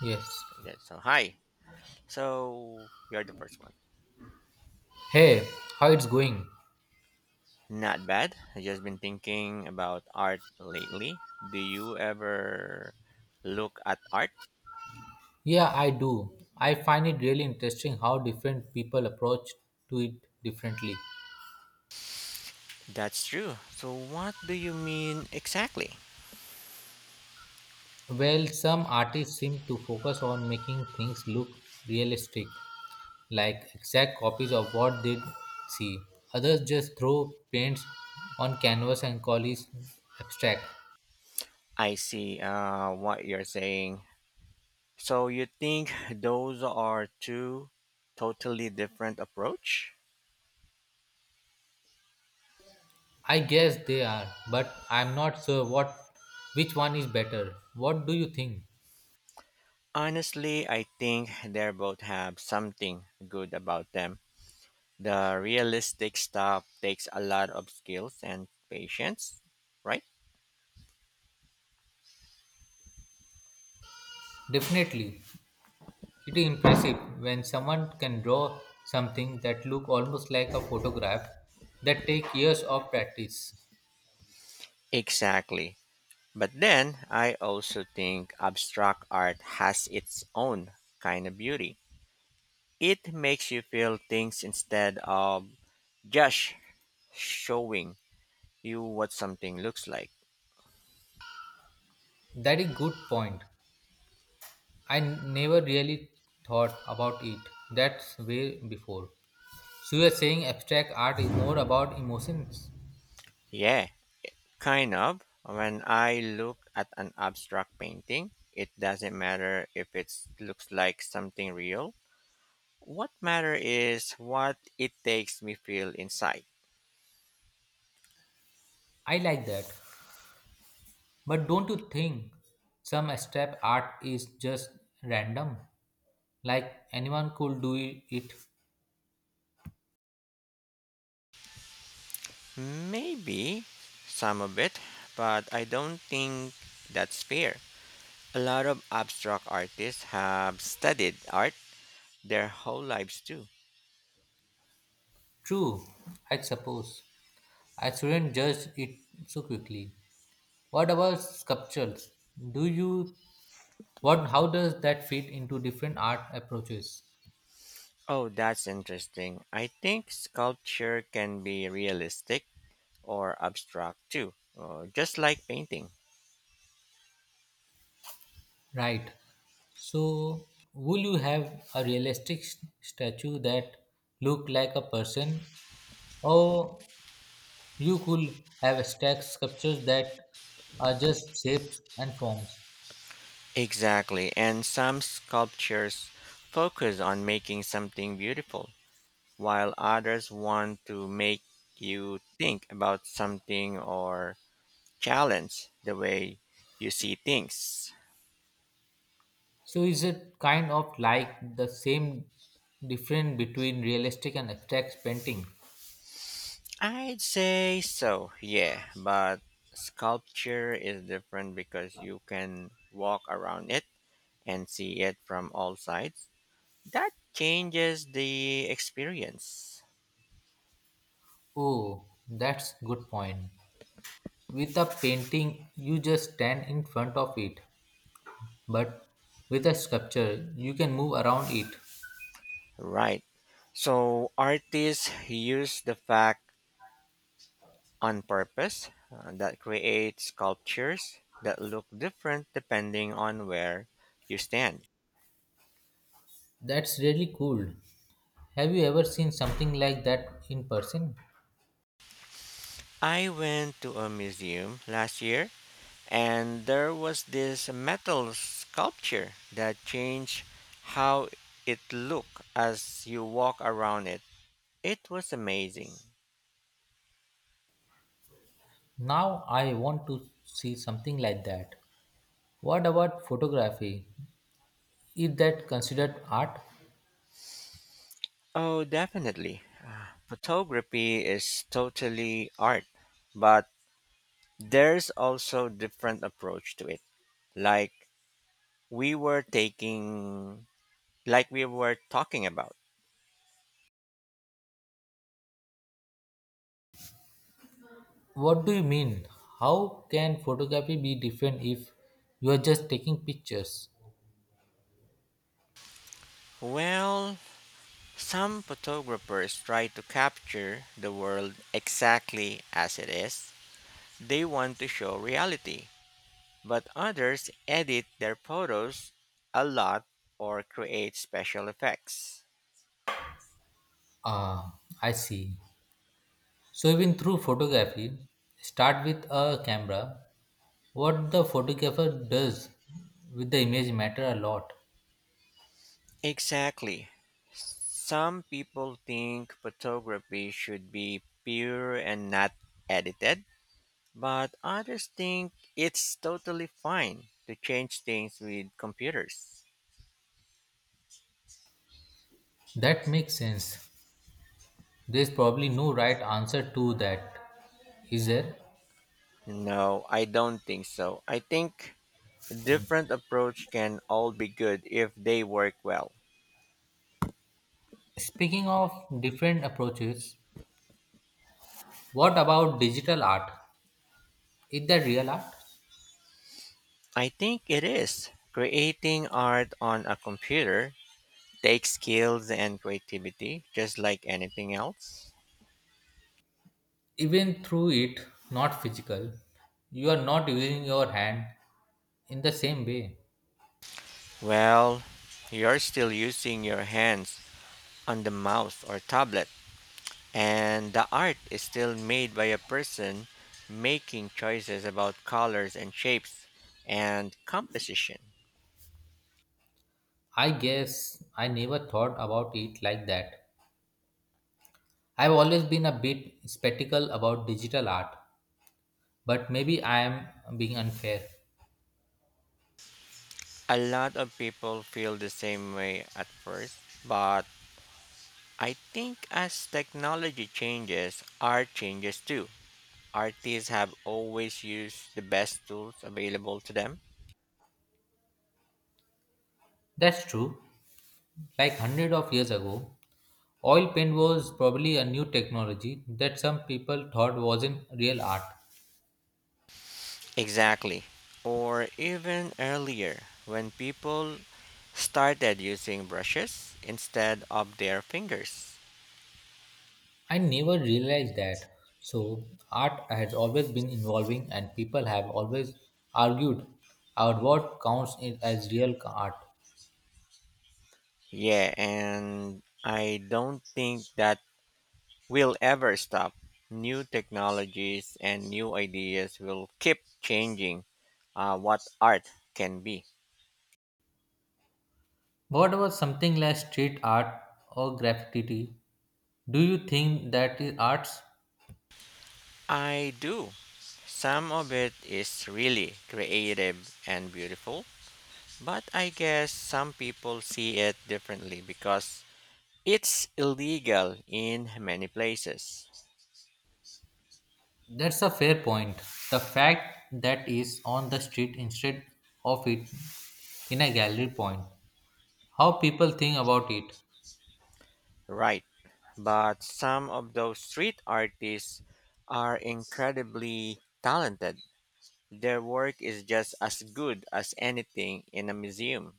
Yes. Okay, so hi. So you're the first one. Hey, how it's going? Not bad. I just been thinking about art lately. Do you ever look at art? Yeah, I do. I find it really interesting how different people approach to it differently. That's true. So what do you mean exactly? Well, some artists seem to focus on making things look realistic, like exact copies of what they see. Others just throw paints on canvas and call it abstract. I see what you're saying. So you think those are two totally different approach? I guess they are, but I'm not sure what which one is better. What do you think? Honestly, I think they both have something good about them. The realistic stuff takes a lot of skills and patience, right? Definitely. It is impressive when someone can draw something that look almost like a photograph that take years of practice. Exactly. But then I also think abstract art has its own kind of beauty. It makes you feel things instead of just showing you what something looks like. That is good point. I never really thought about it that way before. So you are saying abstract art is more about emotions? Yeah, kind of. When I look at an abstract painting, it doesn't matter if it looks like something real. What matter is what it takes me feel inside. I like that. But don't you think some abstract art is just random? Like anyone could do it? Maybe some of it, but I don't think that's fair. A lot of abstract artists have studied art their whole lives too. True, I suppose. I shouldn't judge it so quickly. What about sculptures? Do you what how does that fit into different art approaches? Oh, that's interesting. I think sculpture can be realistic or abstract too, just like painting. Right. So will you have a realistic statue that look like a person, or you could have stacked sculptures that are just shapes and forms. Exactly, and some sculptures focus on making something beautiful while others want to make you think about something or challenge the way you see things. So is it kind of like the same difference between realistic and abstract painting? I'd say so, yeah, but sculpture is different because you can walk around it and see it from all sides. That changes the experience. Oh, that's good point. With a painting, you just stand in front of it, but with a sculpture, you can move around it. Right. So artists use the fact on purpose that create sculptures that look different depending on where you stand. That's really cool. Have you ever seen something like that in person? I went to a museum last year and there was this metal sculpture that changed how it looked as you walk around it. It was amazing. Now I want to see something like that. What about photography? Is that considered art? Oh, definitely. Photography is totally art, but there's also different approach to it. Like we were taking, like we were talking about. What do you mean? How can photography be different if you are just taking pictures? Well, some photographers try to capture the world exactly as it is. They want to show reality, but others edit their photos a lot or create special effects. Ah, I see. So even through photography, start with a camera. What the photographer does with the image matter a lot. Exactly. Some people think photography should be pure and not edited, but others think it's totally fine to change things with computers. That makes sense. There's probably no right answer to that, is there? No, I don't think so. I think different approach can all be good if they work well. Speaking of different approaches, what about digital art? Is that real art? I think it is. Creating art on a computer takes skills and creativity just like anything else. Even through it, not physical, you are not using your hand in the same way. Well, you're still using your hands on the mouse or tablet. And the art is still made by a person making choices about colors and shapes and composition. I guess I never thought about it like that. I've always been a bit skeptical about digital art, but maybe I am being unfair. A lot of people feel the same way at first, but I think as technology changes, art changes too. Artists have always used the best tools available to them. That's true. Like hundred of years ago, oil paint was probably a new technology that some people thought wasn't real art. Exactly. Or even earlier, when people started using brushes instead of their fingers. I never realized that. So art has always been evolving, and people have always argued about what counts as real art. Yeah, and I don't think that will ever stop. New technologies and new ideas will keep changing what art can be. What about something like street art or graffiti? Do you think that is arts? I do. Some of it is really creative and beautiful, but I guess some people see it differently because it's illegal in many places. That's a fair point. The fact that is on the street instead of it in a gallery point how people think about it. Right. But some of those street artists are incredibly talented. Their work is just as good as anything in a museum.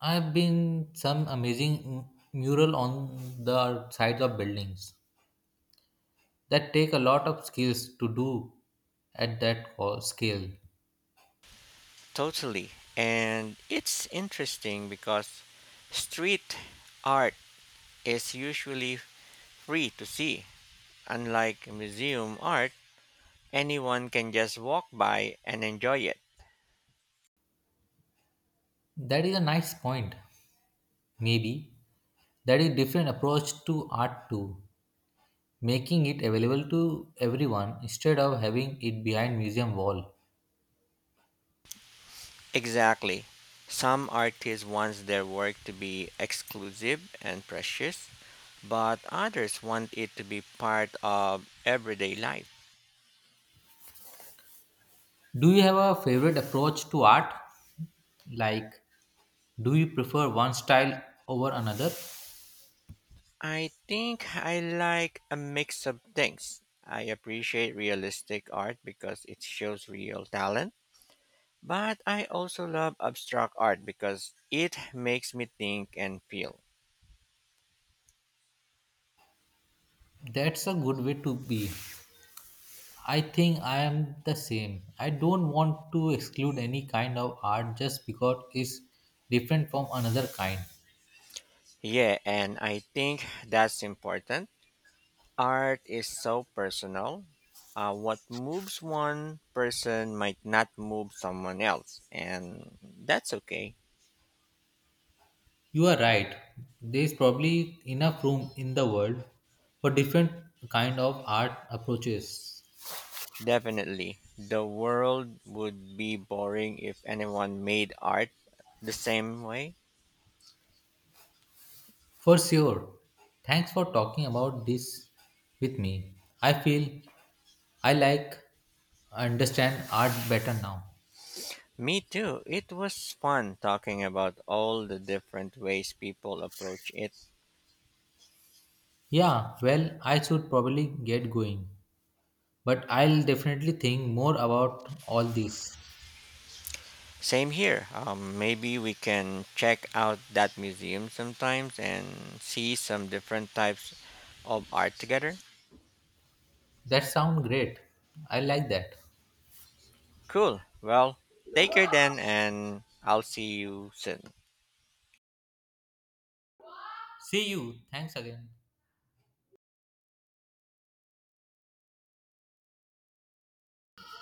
I have been some amazing mural on the sides of buildings that take a lot of skills to do at that scale. Totally. And it's interesting because street art is usually free to see. Unlike museum art, anyone can just walk by and enjoy it. That is a nice point. Maybe that is different approach to art too, making it available to everyone instead of having it behind museum wall. Exactly. Some artists want their work to be exclusive and precious, but others want it to be part of everyday life. Do you have a favorite approach to art? Like, do you prefer one style over another? I think I like a mix of things. I appreciate realistic art because it shows real talent, but I also love abstract art because it makes me think and feel. That's a good way to be. I think I am the same. I don't want to exclude any kind of art just because it's different from another kind. Yeah, and I think that's important. Art is so personal. What moves one person might not move someone else, and that's okay. You are right. There is probably enough room in the world for different kind of art approaches. Definitely. The world would be boring if anyone made art the same way. For sure. Thanks for talking about this with me. I feel I like understand art better now. Me too. It was fun talking about all the different ways people approach it. Yeah, well, I should probably get going. But I'll definitely think more about all these. Same here. Maybe we can check out that museum sometimes and see some different types of art together. That sound great. I like that. Cool. Well, take care then, and I'll see you soon. See you. Thanks again.